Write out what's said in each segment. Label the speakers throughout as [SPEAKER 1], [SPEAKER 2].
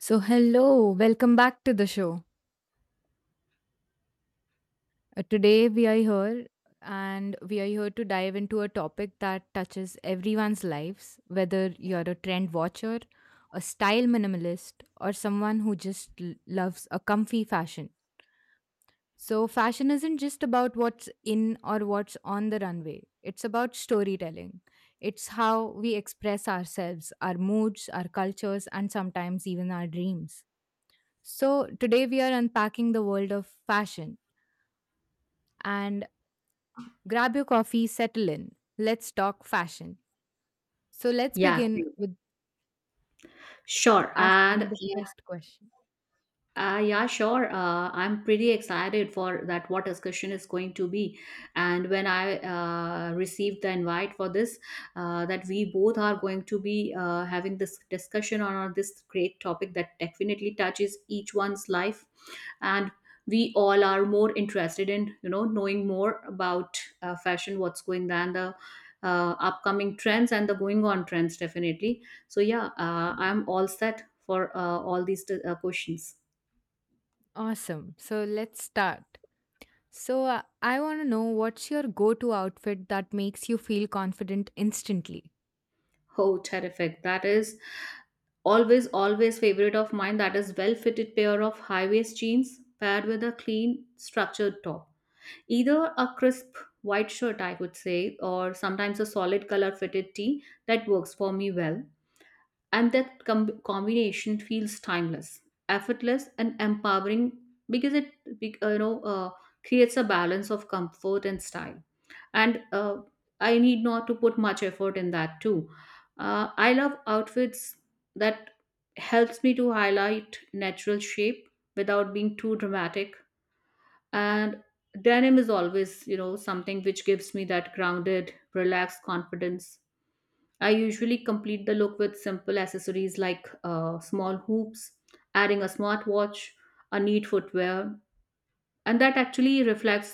[SPEAKER 1] So, hello, welcome back to the show. Today, we are here to dive into a topic that touches everyone's lives, whether you're a trend watcher, a style minimalist, or someone who just loves a comfy fashion. So, fashion isn't just about what's in or what's on the runway, it's about storytelling. It's how we express ourselves, our moods, our cultures, and sometimes even our dreams. So, today we are unpacking the world of fashion. And grab your coffee, settle in. Let's talk fashion. So, let's
[SPEAKER 2] Yeah,
[SPEAKER 1] begin
[SPEAKER 2] great.
[SPEAKER 1] with
[SPEAKER 2] Sure.
[SPEAKER 1] asking the first question.
[SPEAKER 2] I'm pretty excited for that what discussion is going to be. And when I received the invite for this, that we both are going to be having this discussion on this great topic that definitely touches each one's life. And we all are more interested in, you know, knowing more about fashion, what's going on, the upcoming trends and the going on trends, definitely. So yeah, I'm all set for all these questions.
[SPEAKER 1] Awesome. So, let's start. So, I want to know what's your go to outfit that makes you feel confident instantly?
[SPEAKER 2] Oh, terrific. That is always favorite of mine. That is well-fitted pair of high-waist jeans paired with a clean, structured top. Either a crisp white shirt, I could say, or sometimes a solid color fitted tee that works for me well. And that combination feels timeless, effortless, and empowering because it creates a balance of comfort and style and I need not to put much effort in that too. I love outfits that helps me to highlight natural shape without being too dramatic. And denim is always, you know, something which gives me that grounded relaxed confidence. I usually complete the look with simple accessories like small hoops, adding a smartwatch, a neat footwear, and that actually reflects,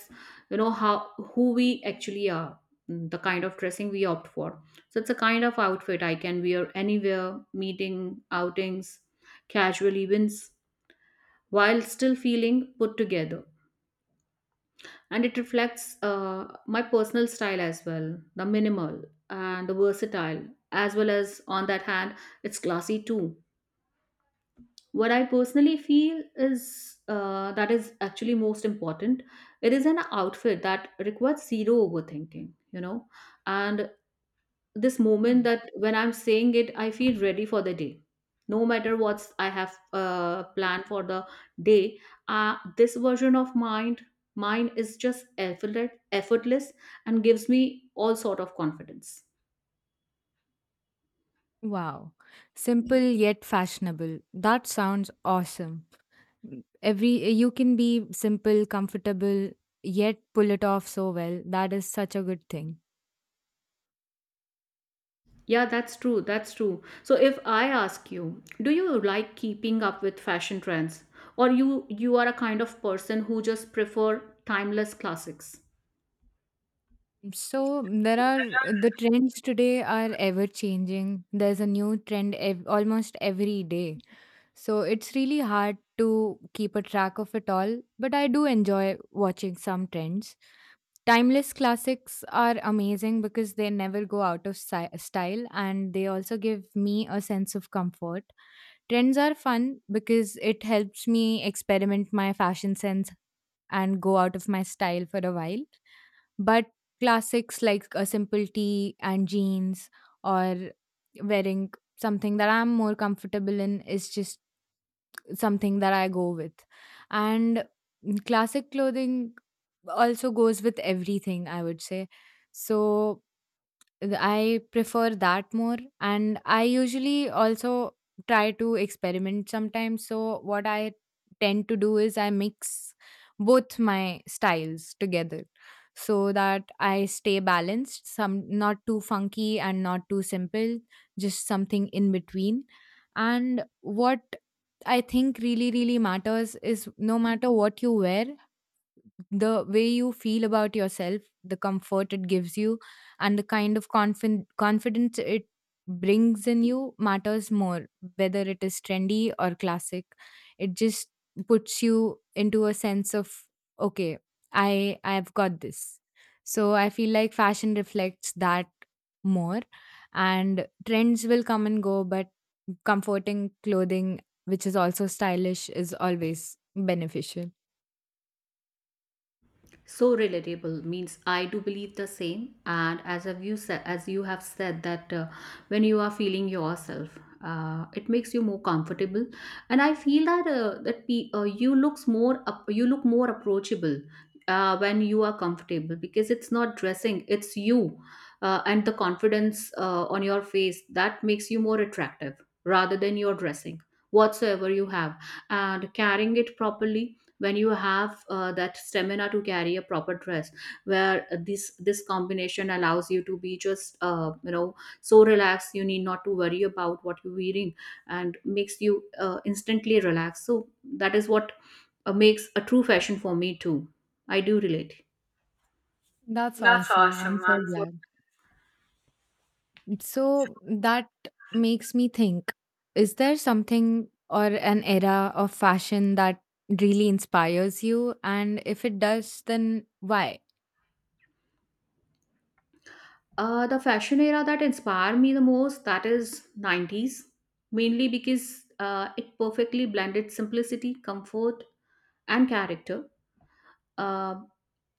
[SPEAKER 2] you know, how who we actually are. The kind of dressing we opt for, so it's a kind of outfit I can wear anywhere: meeting, outings, casual events, while still feeling put together. And it reflects my personal style as well, the minimal and the versatile, as well as on that hand it's classy too. What I personally feel is that is actually most important. It is an outfit that requires zero overthinking, you know. And this
[SPEAKER 1] Hmm.
[SPEAKER 2] moment, that when I'm saying it, I feel ready for the day, no matter what I have planned for the day. This version of mind mine is just effortless, effortless, and gives me all sort of confidence.
[SPEAKER 1] Wow. Simple yet fashionable. That sounds awesome. Every you can be simple, comfortable, yet pull it off so well. That is such a good thing.
[SPEAKER 2] Yeah, that's true. That's true. So if I ask you, do you like keeping up with fashion trends, or you are a kind of person who just prefer timeless classics?
[SPEAKER 1] So there are the trends today are ever changing. There's a new trend almost every day. So it's really hard to keep a track of it all, but I do enjoy watching some trends. Timeless classics are amazing because they never go out of style and they also give me a sense of comfort. Trends are fun because it helps me experiment my fashion sense and go out of my style for a while. But classics like a simple tee and jeans or wearing something that I'm more comfortable in is just something that I go with. And classic clothing also goes with everything, I would say. So I prefer that more. And I usually also try to experiment sometimes. So, what I tend to do is I mix both my styles together so that I stay balanced, some not too funky and not too simple, just something in between. And what I think really, really matters is no matter what you wear, the way you feel about yourself, the comfort it gives you, and the kind of confident confidence it brings in you matters more. Whether it is trendy or classic, it just puts you into a sense of okay, I've got this. So I feel like fashion reflects that more, and trends will come and go, but comforting clothing which is also stylish is always beneficial.
[SPEAKER 2] So relatable. Means I do believe the same, and as you have said that when you are feeling yourself, it makes you more comfortable. And I feel that you look more approachable when you are comfortable, because it's not dressing, it's you. And the confidence on your face, that makes you more attractive rather than your dressing, whatsoever you have, and carrying it properly. When you have that stamina to carry a proper dress, where this combination allows you to be just, you know, so relaxed, you need not to worry about what you're wearing, and makes you instantly relaxed. So that is what makes a true fashion for me too. I do relate.
[SPEAKER 1] That's
[SPEAKER 2] That's
[SPEAKER 1] awesome. I'm
[SPEAKER 2] awesome.
[SPEAKER 1] so
[SPEAKER 2] I'm so.
[SPEAKER 1] glad. So that makes me think, is there something or an era of fashion that really inspires you? And if it does, then why?
[SPEAKER 2] The fashion era that inspired me the most, that is 90s, mainly because it perfectly blended simplicity, comfort, and character. Uh,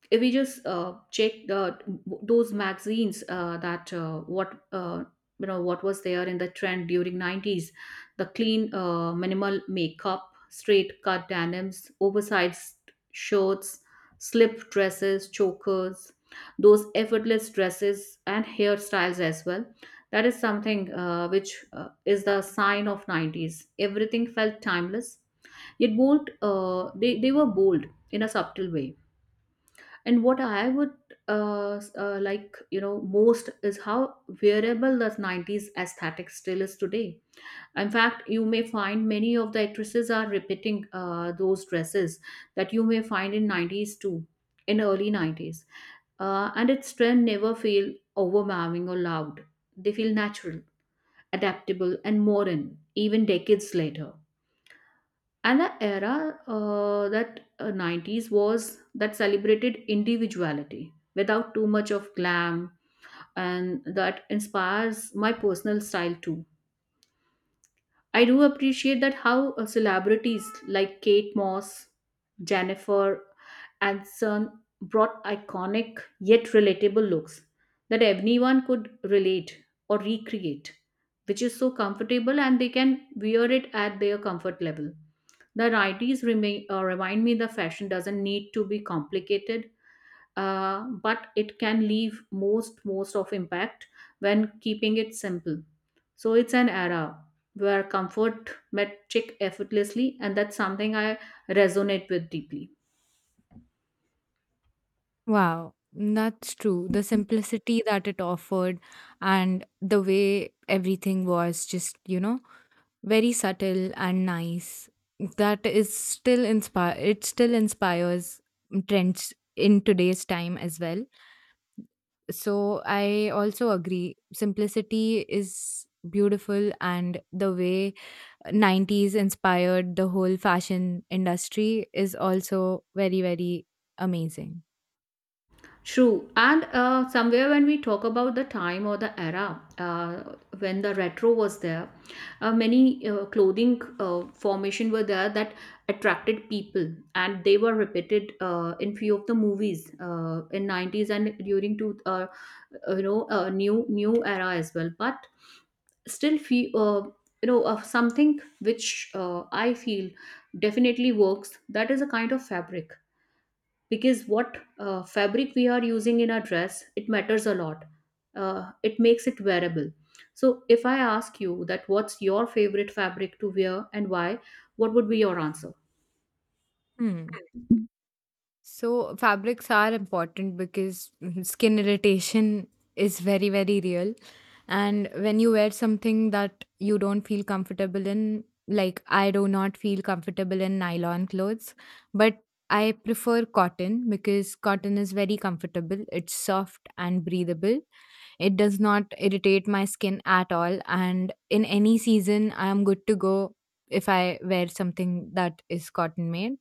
[SPEAKER 2] if we just check the those magazines that what you know, what was there in the trend during 90s: the clean minimal makeup, straight cut denims, oversized shirts, slip dresses, chokers, those effortless dresses, and hairstyles as well. That is something which is the sign of 90s. Everything felt timeless yet bold, they were bold in a subtle way. And what I would like, you know, most is how wearable the 90s aesthetic still is today. In fact, you may find many of the actresses are repeating those dresses that you may find in 90s too, in early 90s. And its trend never feel overwhelming or loud. They feel natural, adaptable, and modern, even decades later. And the era that 90s was that celebrated individuality without too much of glam, and that inspires my personal style too. I do appreciate that how celebrities like Kate Moss, Jennifer Aniston brought iconic yet relatable looks that everyone could relate or recreate, which is so comfortable and they can wear it at their comfort level. The ideas remind me the fashion doesn't need to be complicated, but it can leave most of impact when keeping it simple. So it's an era where comfort met chic effortlessly, and that's something I resonate with deeply.
[SPEAKER 1] Wow, that's true. The simplicity that it offered and the way everything was just, you know, very subtle and nice. That is still inspire it still inspires trends in today's time as well. So I also agree. Simplicity is beautiful and the way 90s inspired the whole fashion industry is also very, very amazing.
[SPEAKER 2] True. And somewhere when we talk about the time or the era, when the retro was there, many clothing formation were there that attracted people, and they were repeated in few of the movies in 90s and during to you know, new era as well, but still feel you know, of something which I feel definitely works, that is a kind of fabric, because what fabric we are using in our dress, it matters a lot. It makes it wearable. So if I ask you that what's your favorite fabric to wear and why, what would be your answer?
[SPEAKER 1] Hmm. So fabrics are important because skin irritation is very, very real. And when you wear something that you don't feel comfortable in, like I do not feel comfortable in nylon clothes, but I prefer cotton because cotton is very comfortable. It's soft and breathable. It does not irritate my skin at all. And in any season, I am good to go if I wear something that is cotton made.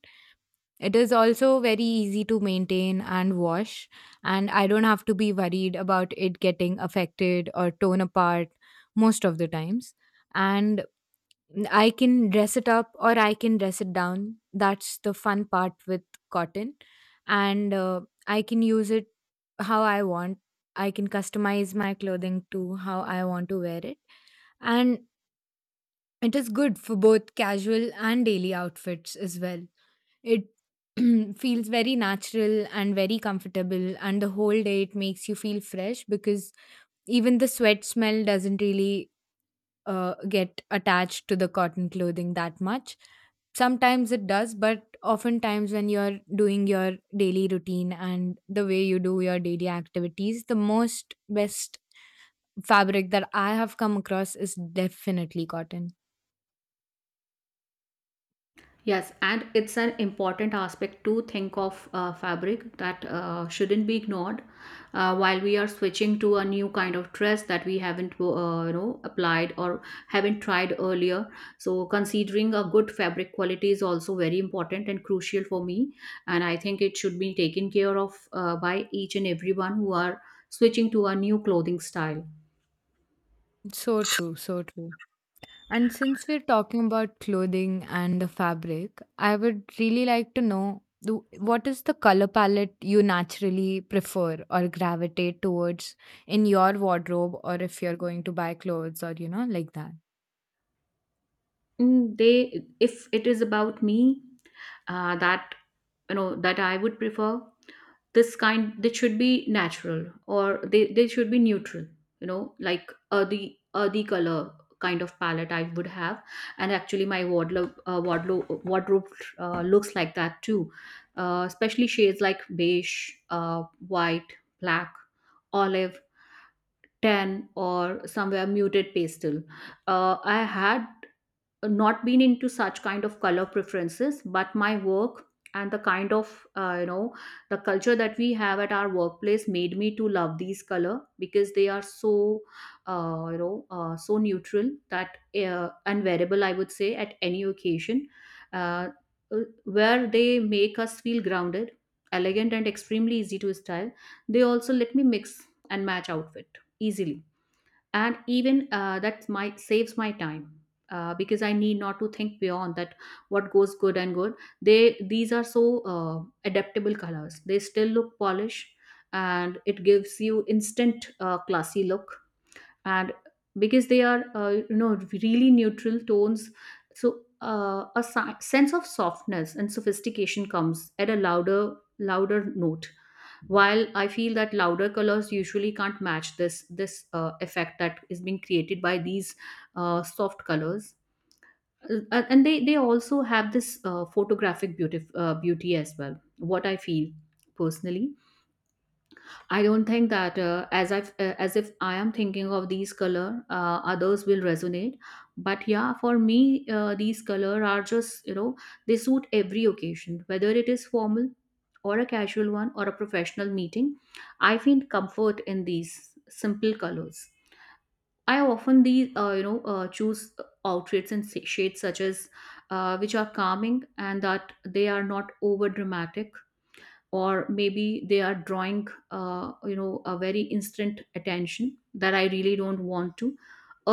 [SPEAKER 1] It is also very easy to maintain and wash, and I don't have to be worried about it getting affected or torn apart most of the times. And I can dress it up or I can dress it down. That's the fun part with cotton. And I can use it how I want. I can customize my clothing to how I want to wear it. And it is good for both casual and daily outfits as well. It feels very natural and very comfortable, and the whole day it makes you feel fresh because even the sweat smell doesn't really get attached to the cotton clothing that much. Sometimes it does, but oftentimes when you're doing your daily routine and the way you do your daily activities, the most best fabric that I have come across is definitely cotton.
[SPEAKER 2] Yes, and it's an important aspect to think of fabric that shouldn't be ignored while we are switching to a new kind of dress that we haven't, you know, applied or haven't tried earlier. So considering a good fabric quality is also very important and crucial for me, and I think it should be taken care of by each and everyone who are switching to a new clothing style.
[SPEAKER 1] So true, so true. And since we're talking about clothing and the fabric, I would really like to know what is the color palette you naturally prefer or gravitate towards in your wardrobe, or if you're going to buy clothes or, you know, like that.
[SPEAKER 2] They if it is about me, that, you know, that I would prefer this kind, they should be natural, or they should be neutral, you know, like earthy color kind of palette I would have. And actually my wardrobe looks like that too, especially shades like beige, white, black, olive, tan, or somewhere muted pastel. I had not been into such kind of color preferences, but my work and the kind of, you know, the culture that we have at our workplace made me to love these color, because they are so, you know, so neutral that, and wearable, I would say, at any occasion, uh, where they make us feel grounded, elegant, and extremely easy to style. They also let me mix and match outfit easily, and even that my saves my time, because I need not to think beyond that what goes good. They these are so adaptable colors. They still look polished, and it gives you instant classy look. And because they are, you know, really neutral tones, so a sense of softness and sophistication comes at a louder note, while I feel that louder colors usually can't match this effect that is being created by these soft colors. And they also have this photographic beauty as well, what I feel personally. I don't think that, as if I am thinking of these color, others will resonate. But yeah, for me, these color are just, you know, they suit every occasion, whether it is formal or a casual one or a professional meeting. I find comfort in these simple colors. I often these you know choose outfits and shades such as, which are calming, and that they are not over dramatic, or maybe they are drawing, you know, a very instant attention that I really don't want to.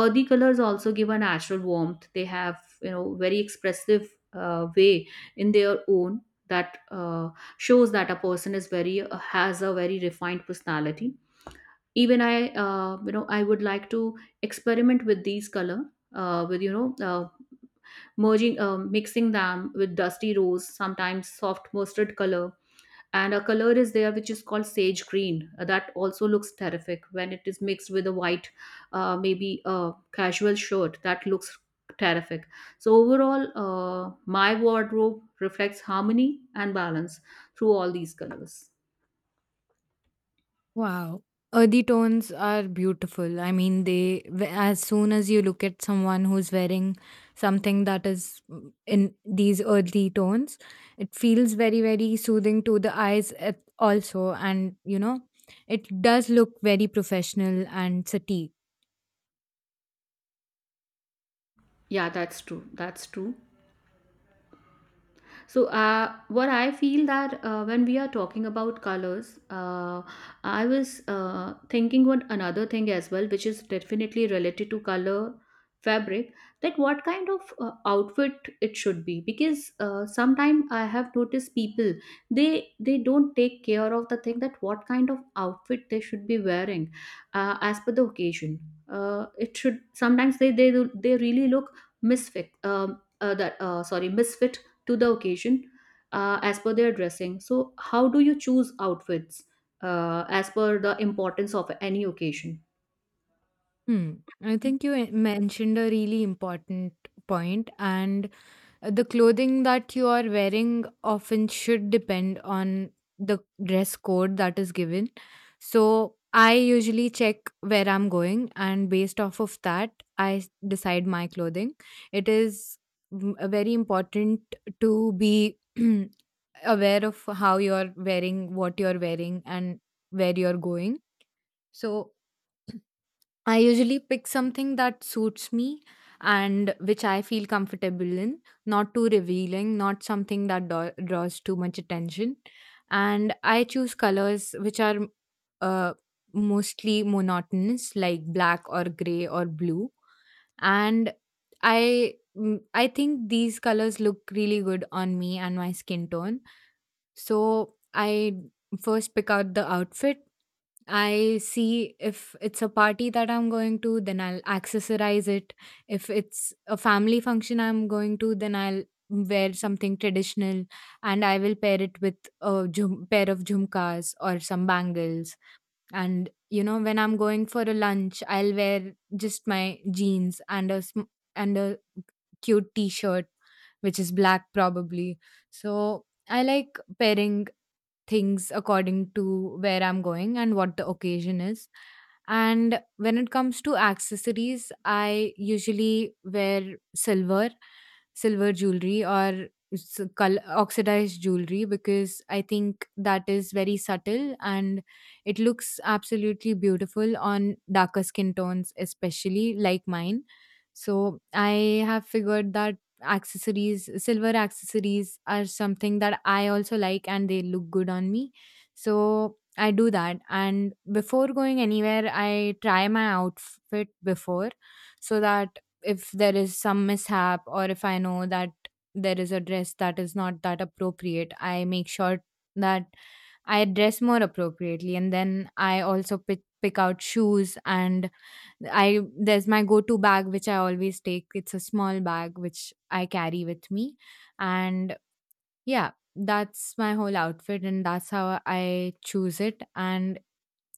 [SPEAKER 2] Earthy colors also give a natural warmth. They have, you know, very expressive way in their own, that shows that a person is very has a very refined personality. Even i, you know, I would like to experiment with these color, with you know merging mixing them with dusty rose, sometimes soft mustard color, and a color is there which is called sage green. That also looks terrific when it is mixed with a white, maybe a casual shirt that looks terrific. So overall my wardrobe reflects harmony and balance through all these colors.
[SPEAKER 1] Wow. Earthy tones are beautiful. I mean, they, as soon as you look at someone who's wearing something that is in these earthy tones, it feels very, very soothing to the eyes also. And, you know, it does look very professional and sati.
[SPEAKER 2] Yeah, that's true, that's true. So, what I feel that, when we are talking about colors, I was, thinking about another thing as well, which is definitely related to color, fabric, that what kind of outfit it should be, because sometimes I have noticed people, they don't take care of the thing that what kind of outfit they should be wearing as per the occasion. It should sometimes they really look misfit, that sorry misfit to the occasion as per their dressing. So, how do you choose outfits as per the importance of any occasion?
[SPEAKER 1] Hmm. I think you mentioned a really important point, and the clothing that you are wearing often should depend on the dress code that is given. So I usually check where I'm going, and based off of that, decide my clothing. It is a very important to be aware of how you're wearing, what you're wearing, and where you're going. So I usually pick something that suits me and which I feel comfortable in, not too revealing, not something that draws too much attention. And I choose colors which are uh, mostly monotonous, like black or gray or blue. And I think these colors look really good on me and my skin tone. So I first pick out the outfit. I see if it's a party that I'm going to, then I'll accessorize it. If it's a family function I'm going to, then I'll wear something traditional and I will pair it with pair of jhumkas or some bangles. And you know, when I'm going for a lunch, I'll wear just my jeans and and a cute t-shirt, which is black probably. So I like pairing things according to where I'm going and what the occasion is. And when it comes to accessories, I usually wear silver silver jewelry or oxidized jewelry because I think that is very subtle and it looks absolutely beautiful on darker skin tones, especially like mine. So I have figured that accessories, silver accessories, are something that I also like and they look good on me. So I do that. And before going anywhere, I try my outfit before so that if there is some mishap or if I know that there is a dress that is not that appropriate, I make sure that I dress more appropriately. And then I also pick out shoes and I there's my go-to bag which I always take. It's a small bag which I carry with me. And yeah, that's my whole outfit and that's how I choose it. And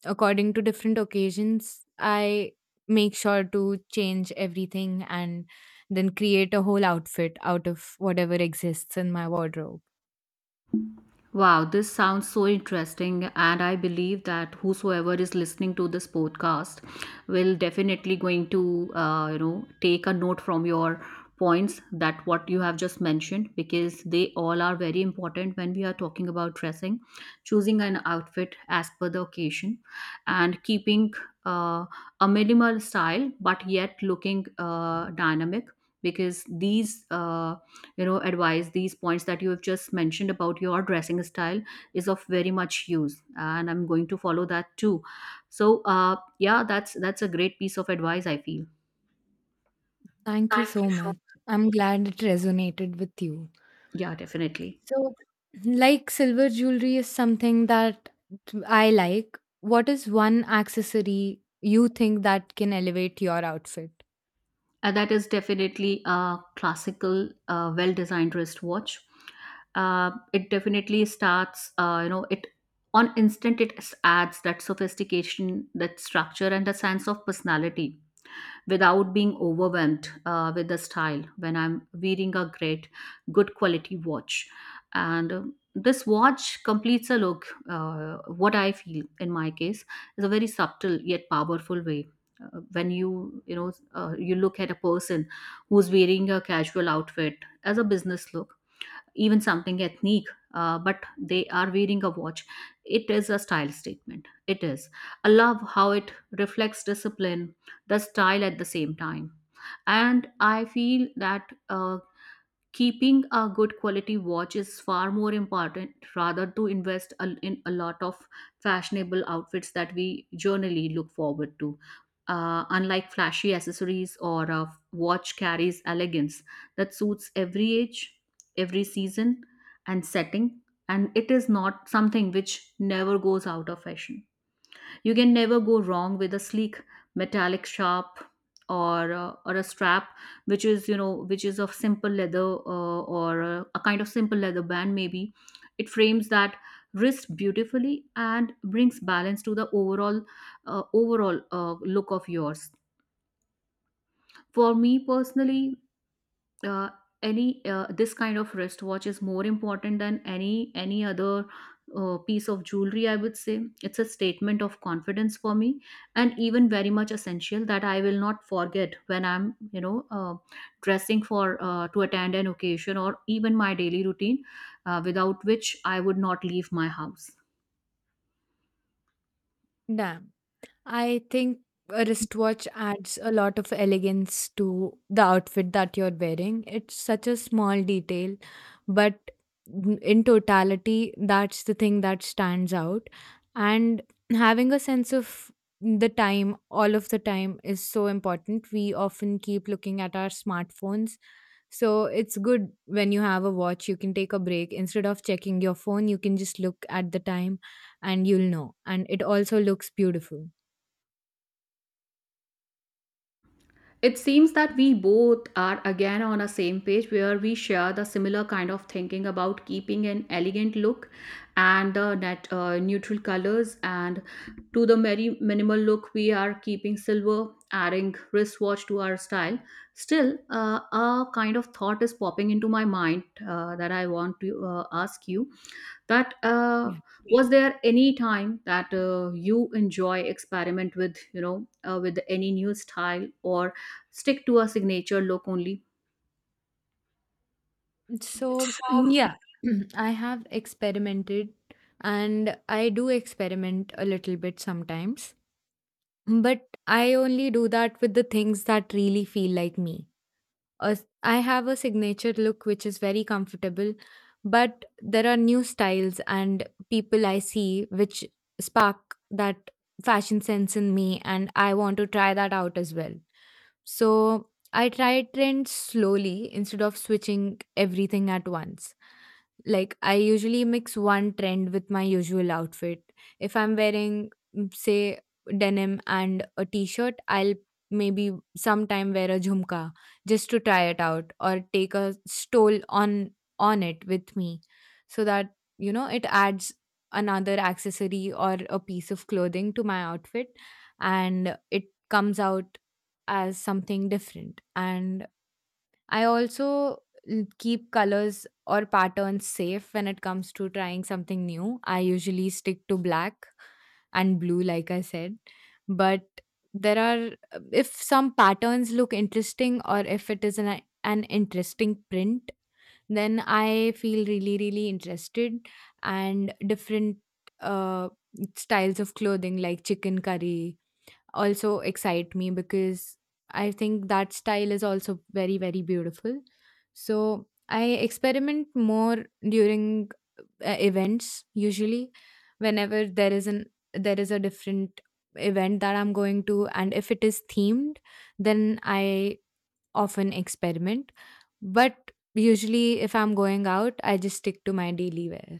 [SPEAKER 1] according to different occasions, I make sure to change everything and then create a whole outfit out of whatever exists in my wardrobe.
[SPEAKER 2] Wow, this sounds so interesting. And I believe that whosoever is listening to this podcast will definitely going to, take a note from your points that what you have just mentioned because they all are very important when we are talking about dressing, choosing an outfit as per the occasion, and keeping uh, a minimal style but yet looking dynamic because these. You know advice these points that you have just mentioned about your dressing style is of very much use and I'm going to follow that too. So yeah, that's a great piece of advice, I feel.
[SPEAKER 1] Thank you
[SPEAKER 2] Thank
[SPEAKER 1] so
[SPEAKER 2] you so
[SPEAKER 1] much. I'm glad it resonated with you.
[SPEAKER 2] yeah, definitely.
[SPEAKER 1] So, like silver jewelry is something that I like. What is one accessory you think that can elevate your outfit?
[SPEAKER 2] And that is definitely a classical, well designed wristwatch. It definitely starts, you know it on instant, it adds that sophistication, that structure and a sense of personality without being overwhelmed with the style when I'm wearing a great, good quality watch. And this watch completes a look. What I feel in my case is a very subtle yet powerful way. When you know, you look at a person who's wearing a casual outfit, as a business look, even something ethnic, but they are wearing a watch, it is a style statement. It is, I love how it reflects discipline, the style at the same time. And I feel that keeping a good quality watch is far more important rather to in a lot of fashionable outfits that we generally look forward to. Unlike flashy accessories or a watch carries elegance that suits every age, every season and setting. And it is not something which never goes out of fashion. You can never go wrong with a sleek metallic sharp, or a strap which is, you know, which is of simple leather, or a kind of simple leather band, maybe it frames that wrist beautifully and brings balance to the overall look of yours. For me personally, uh, any this kind of wristwatch is more important than any other piece of jewelry, I would say. It's a statement of confidence for me, and even very much essential that I will not forget when I'm, you know, dressing for, to attend an occasion or even my daily routine, without which I would not leave my house.
[SPEAKER 1] Damn. I think a wristwatch adds a lot of elegance to the outfit that you're wearing. It's such a small detail, but in totality, that's the thing that stands out. And having a sense of the time all of the time is so important. We often keep looking at our smartphones. So it's good when you have a watch, you can take a break. Instead of checking your phone, you can just look at the time and you'll know. And it also looks beautiful.
[SPEAKER 2] It seems that we both are again on a same page where we share the similar kind of thinking about keeping an elegant look and the net neutral colors and to the very minimal look, we are keeping silver, adding wristwatch to our style. Still, a kind of thought is popping into my mind, that I want to, ask you that, was there any time that, you enjoy experiment with, you know, with any new style, or stick to a signature look only?
[SPEAKER 1] So, yeah, I have experimented and I do experiment a little bit sometimes, but I only do that with the things that really feel like me. A I have a signature look which is very comfortable, but there are new styles and people I see which spark that fashion sense in me, and I want to try that out as well. So I try trends slowly instead of switching everything at once. Like I usually mix one trend with my usual outfit. If I'm wearing, say, denim and a t-shirt, I'll maybe sometime wear a jhumka just to try it out or take a stole on it with me so that you know it adds another accessory or a piece of clothing to my outfit and it comes out as something different. And I also keep colors or patterns safe when it comes to trying something new. I usually stick to black and blue, like I said. But there are, if some patterns look interesting or if it is an interesting print, then I feel really, really interested. And different uh, styles of clothing like chicken curry also excite me because I think that style is also very, very beautiful. So I experiment more during events usually whenever there is a different event that I'm going to, and if it is themed, then I often experiment, but usually if I'm going out I just stick to my daily wear.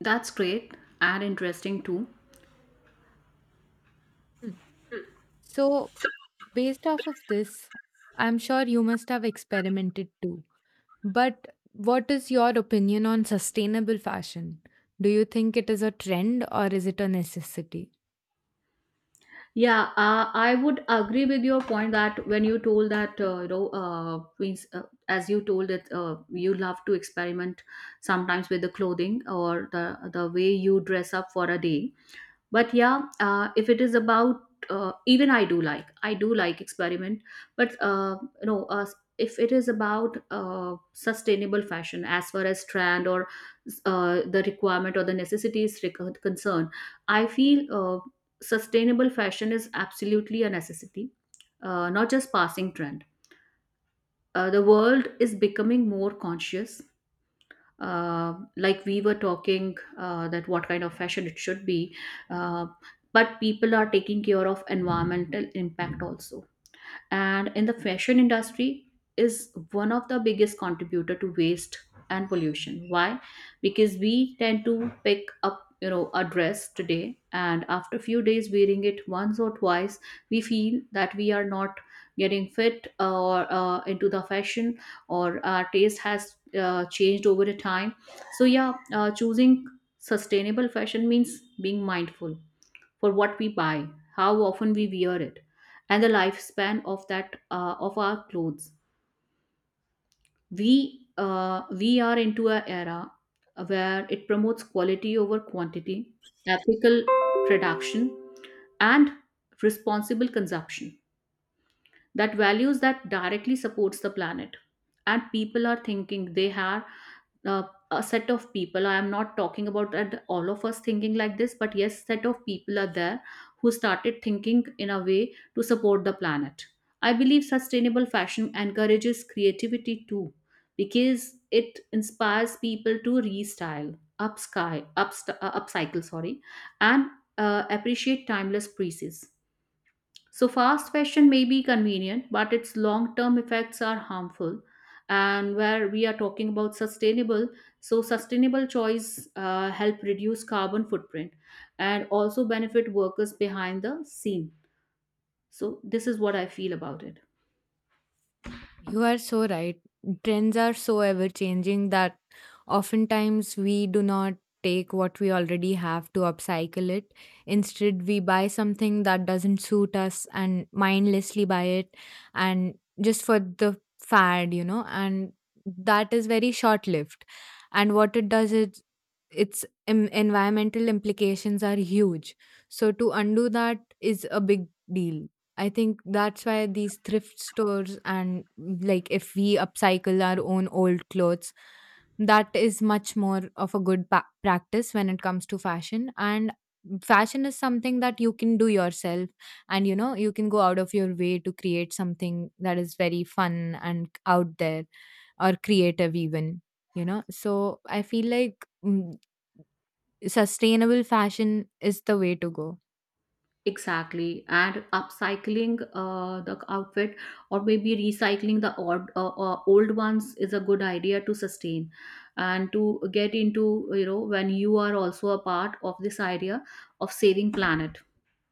[SPEAKER 2] That's great and interesting too.
[SPEAKER 1] Hmm. So based off of this, I'm sure you must have experimented too. But what is your opinion on sustainable fashion? Do you think it is a trend or is it a necessity?
[SPEAKER 2] Yeah, I would agree with your point that when you told that, as you told that, you love to experiment sometimes with the clothing or the way you dress up for a day. But yeah, if it is about, even I do, like I do like experiment, but no uh, if it is about, sustainable fashion, as far as trend or the requirement or the concerned, I feel sustainable fashion is absolutely a necessity, not just passing trend. The world is becoming more conscious, like we were talking, that what kind of fashion it should be, uh, but people are taking care of environmental impact also. And in the fashion industry is one of the biggest contributor to waste and pollution. Why? Because we tend to pick up, you know, a dress today, and after few days wearing it once or twice, we feel that we are not getting fit, or into the fashion, or our taste has changed over the time. So yeah, choosing sustainable fashion means being mindful for what we buy, how often we wear it, and the lifespan of that, of our clothes. We are into an era where it promotes quality over quantity, ethical production, and responsible consumption. That values that directly supports the planet, and people are thinking they have, uh, a set of people, I am not talking about that all of us thinking like this, but yes, set of people are there who started thinking in a way to support the planet. I believe sustainable fashion encourages creativity too, because it inspires people to upcycle, sorry, and appreciate timeless pieces. So, fast fashion may be convenient, but its long term effects are harmful. And where we are talking about sustainable, so sustainable choice help reduce carbon footprint and also benefit workers behind the scene. So, this is what I feel about it.
[SPEAKER 1] You are so right. Trends are so ever changing that oftentimes we do not take what we already have to upcycle it. Instead, we buy something that doesn't suit us and mindlessly buy it and just for the fad, and that is very short lived. And what it does is its environmental implications are huge. So to undo that is a big deal. I think that's why these thrift stores, and like if we upcycle our own old clothes, that is much more of a good practice when it comes to fashion. And fashion is something that you can do yourself, and you know, you can go out of your way to create something that is very fun and out there, or creative, even, you know. So I feel like sustainable fashion is the way to go.
[SPEAKER 2] Exactly, and upcycling the outfit, or maybe recycling the old ones is a good idea to sustain and to get into, you know, when you are also a part of this idea of saving planet,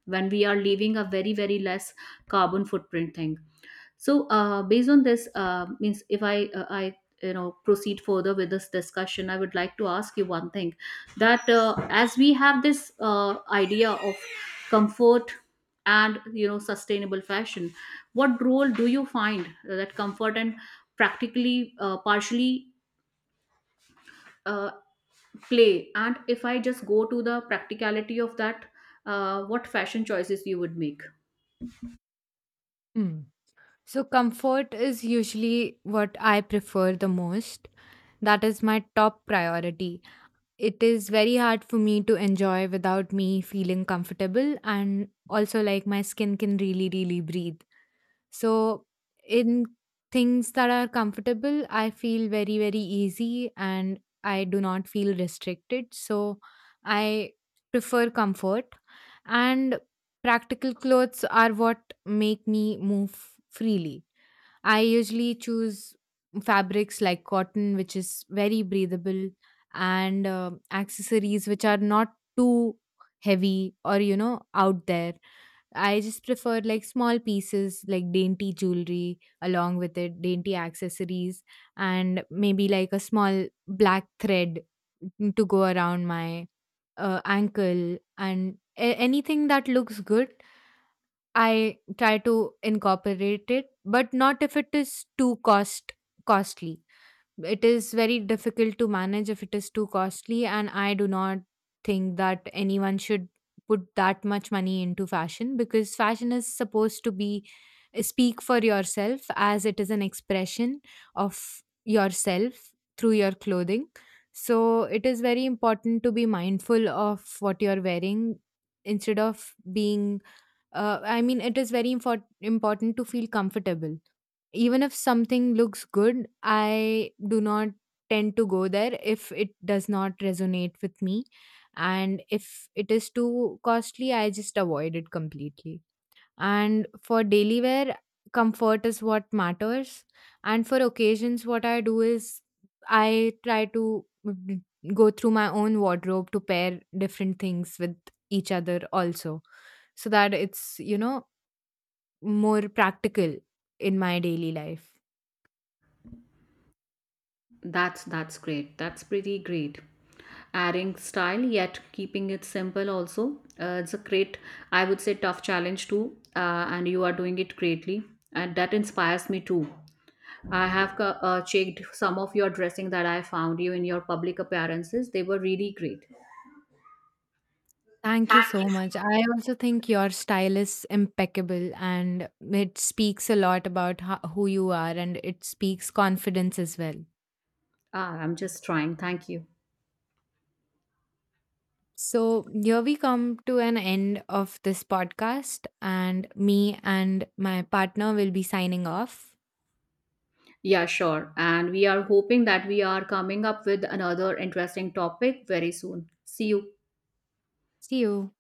[SPEAKER 2] when we are leaving a very, very less carbon footprint thing. So based on this, means if I i, you know, proceed further with this discussion, I would like to ask you one thing, that as we have this idea of comfort and, you know, sustainable fashion, what role do you find that comfort and practically partially uh, play, and if I just go to the practicality of that, what fashion choices you would make?
[SPEAKER 1] Hmm. So, comfort is usually what I prefer the most. That is my top priority. It is very hard for me to enjoy without me feeling comfortable, and also like my skin can really, really breathe. So, in things that are comfortable, I feel very, very easy and I do not feel restricted. So, I prefer comfort. And practical clothes are what make me move freely. I usually choose fabrics like cotton, which is very breathable, and accessories which are not too heavy or, you know, out there. I just prefer like small pieces like dainty jewelry along with it, dainty accessories, and maybe like a small black thread to go around my ankle, and anything that looks good I try to incorporate it, but not if it is too cost costly. It is very difficult to manage if it is too costly, and I do not think that anyone should put that much money into fashion, because fashion is supposed to be, speak for yourself, as it is an expression of yourself through your clothing. So it is very important to be mindful of what you're wearing instead of being I mean, it is very important to feel comfortable. Even if something looks good, I do not tend to go there if it does not resonate with me. And if it is too costly, I just avoid it completely. And for daily wear, comfort is what matters. And for occasions, what I do is I try to go through my own wardrobe to pair different things with each other also, so that it's, you know, more practical in my daily life.
[SPEAKER 2] That's great. That's pretty great. Adding style yet keeping it simple also. It's a great, I would say, tough challenge too. And you are doing it greatly, and that inspires me too. I have checked some of your dressing that I found you in your public appearances. They were really great.
[SPEAKER 1] Thank
[SPEAKER 2] Thank
[SPEAKER 1] you so
[SPEAKER 2] you.
[SPEAKER 1] much. I also think your style is impeccable, and it speaks a lot about who you are, and it speaks confidence as well.
[SPEAKER 2] Ah, I'm just trying. Thank you.
[SPEAKER 1] So, here we come to an end of this podcast, and me and my partner will be signing off.
[SPEAKER 2] Yeah, sure. And we are hoping that we are coming up with another interesting topic very soon. See you.
[SPEAKER 1] See you.